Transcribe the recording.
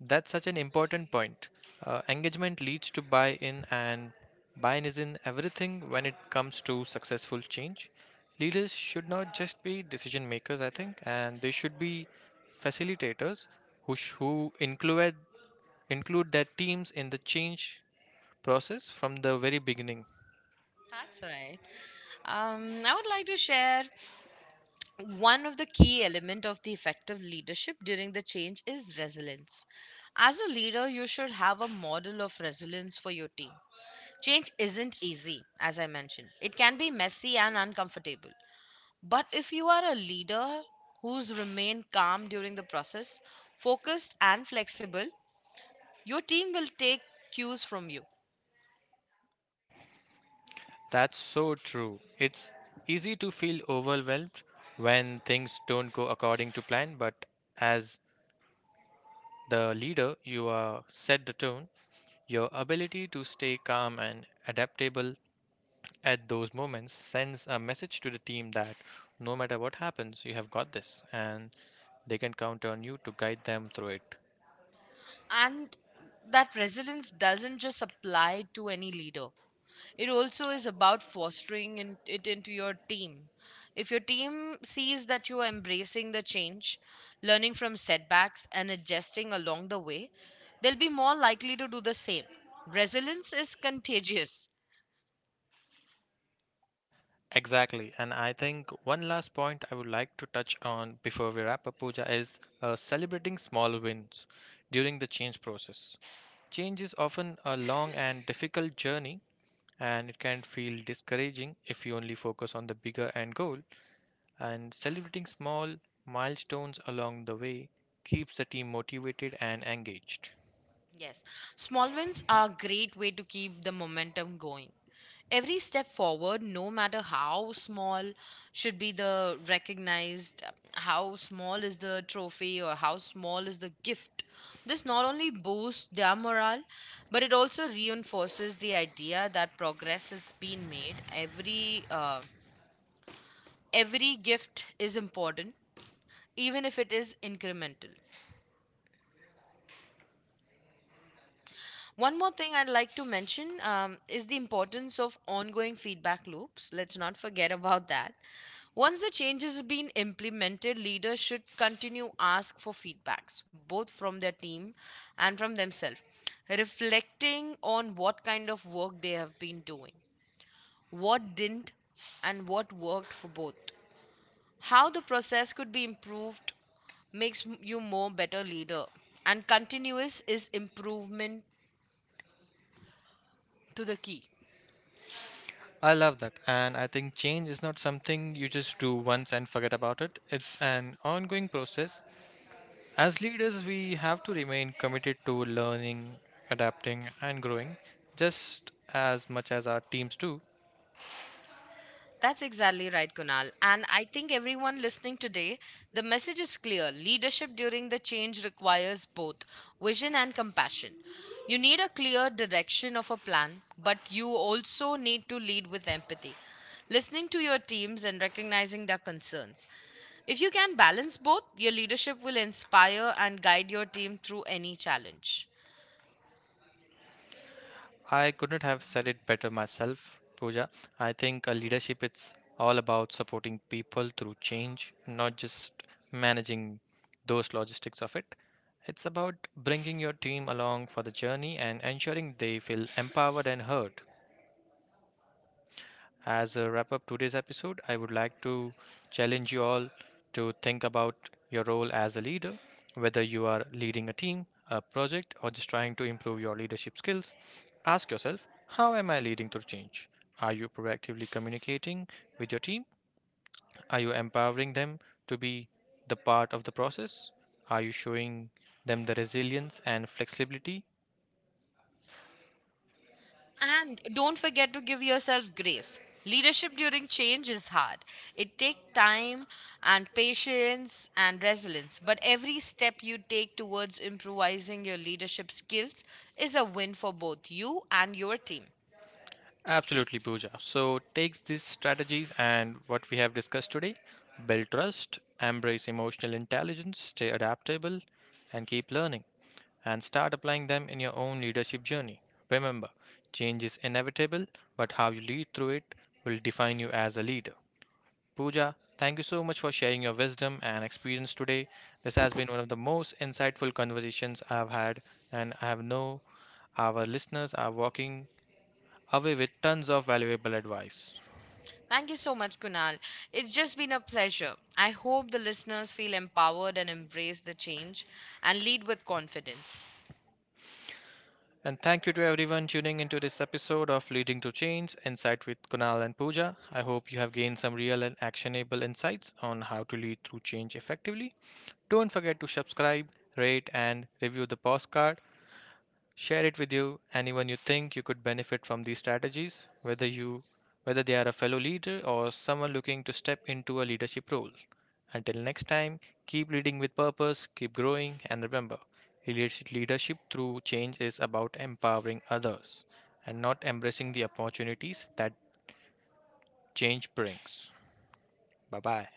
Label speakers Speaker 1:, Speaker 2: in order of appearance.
Speaker 1: That's such an important point. Engagement leads to buy in, and buy in is in everything when it comes to successful change. Leaders should not just be decision makers, I think, and they should be facilitators who include their teams in the change process from the very beginning.
Speaker 2: That's right. I would like to share one of the key element of the effective leadership during the change is resilience. As a leader, you should have a model of resilience for your team. Change isn't easy, as I mentioned. It can be messy and uncomfortable. But if you are a leader who's remained calm during the process, focused and flexible, your team will take cues from you.
Speaker 1: That's so true. It's easy to feel overwhelmed when things don't go according to plan, but as the leader you are, set the tone. Your ability to stay calm and adaptable at those moments sends a message to the team that no matter what happens, you have got this and they can count on you to guide them through it.
Speaker 2: And that resilience doesn't just apply to any leader, it also is about fostering in, it into your team. If your team sees that you are embracing the change, learning from setbacks and adjusting along the way, they'll be more likely to do the same. Resilience is contagious.
Speaker 1: Exactly. And I think one last point I would like to touch on before we wrap up, Pooja, is celebrating small wins during the change process. Change is often a long and difficult journey and it can feel discouraging if you only focus on the bigger end goal. And celebrating small milestones along the way keeps the team motivated and engaged.
Speaker 2: Yes, small wins are a great way to keep the momentum going. Every step forward, no matter how small, should be the recognized. How small is the trophy or how small is the gift? This not only boosts their morale, but it also reinforces the idea that progress has been made. Every gift is important, even if it is incremental. One more thing I'd like to mention is the importance of ongoing feedback loops. Let's not forget about that. Once the change has been implemented, leaders should continue ask for feedbacks, both from their team and from themselves, reflecting on what kind of work they have been doing, what didn't, and what worked for both. How the process could be improved you more better leader and continuous is improvement to the key.
Speaker 1: I love that, and I think change is not something you just do once and forget about it. It's an ongoing process. As leaders, we have to remain committed to learning, adapting, and growing just as much as our teams do.
Speaker 2: That's exactly right, Kunal. And I think everyone listening today, the message is clear. Leadership during the change requires both vision and compassion. You need a clear direction of a plan, but you also need to lead with empathy, listening to your teams and recognizing their concerns. If you can balance both, your leadership will inspire and guide your team through any challenge.
Speaker 1: I couldn't have said it better myself, Pooja. I think leadership, it's all about supporting people through change, not just managing those logistics of it. It's about bringing your team along for the journey and ensuring they feel empowered and heard. As a wrap up today's episode, I would like to challenge you all to think about your role as a leader, whether you are leading a team, a project, or just trying to improve your leadership skills. Ask yourself, how am I leading to change? Are you proactively communicating with your team? Are you empowering them to be the part of the process? Are you showing them the resilience and flexibility?
Speaker 2: And don't forget to give yourself grace. Leadership during change is hard. It takes time and patience and resilience, but every step you take towards improvising your leadership skills is a win for both you and your team.
Speaker 1: Absolutely, Pooja. So, takes these strategies and what we have discussed today, build trust, embrace emotional intelligence, stay adaptable, and keep learning, and start applying them in your own leadership journey. Remember, change is inevitable, but how you lead through it will define you as a leader. Pooja, thank you so much for sharing your wisdom and experience today. This has been one of the most insightful conversations I've had, and I have know our listeners are walking away with tons of valuable advice.
Speaker 2: Thank you so much, Kunal. It's just been a pleasure. I hope the listeners feel empowered and embrace the change and lead with confidence.
Speaker 1: And thank you to everyone tuning into this episode of Leading to Change Insight with Kunal and Pooja. I hope you have gained some real and actionable insights on how to lead through change effectively. Don't forget to subscribe, rate, and review the postcard. Share it with you anyone you think you could benefit from these strategies, whether they are a fellow leader or someone looking to step into a leadership role. Until next time, keep leading with purpose, keep growing, and remember, leadership through change is about empowering others and not embracing the opportunities that change brings. Bye bye.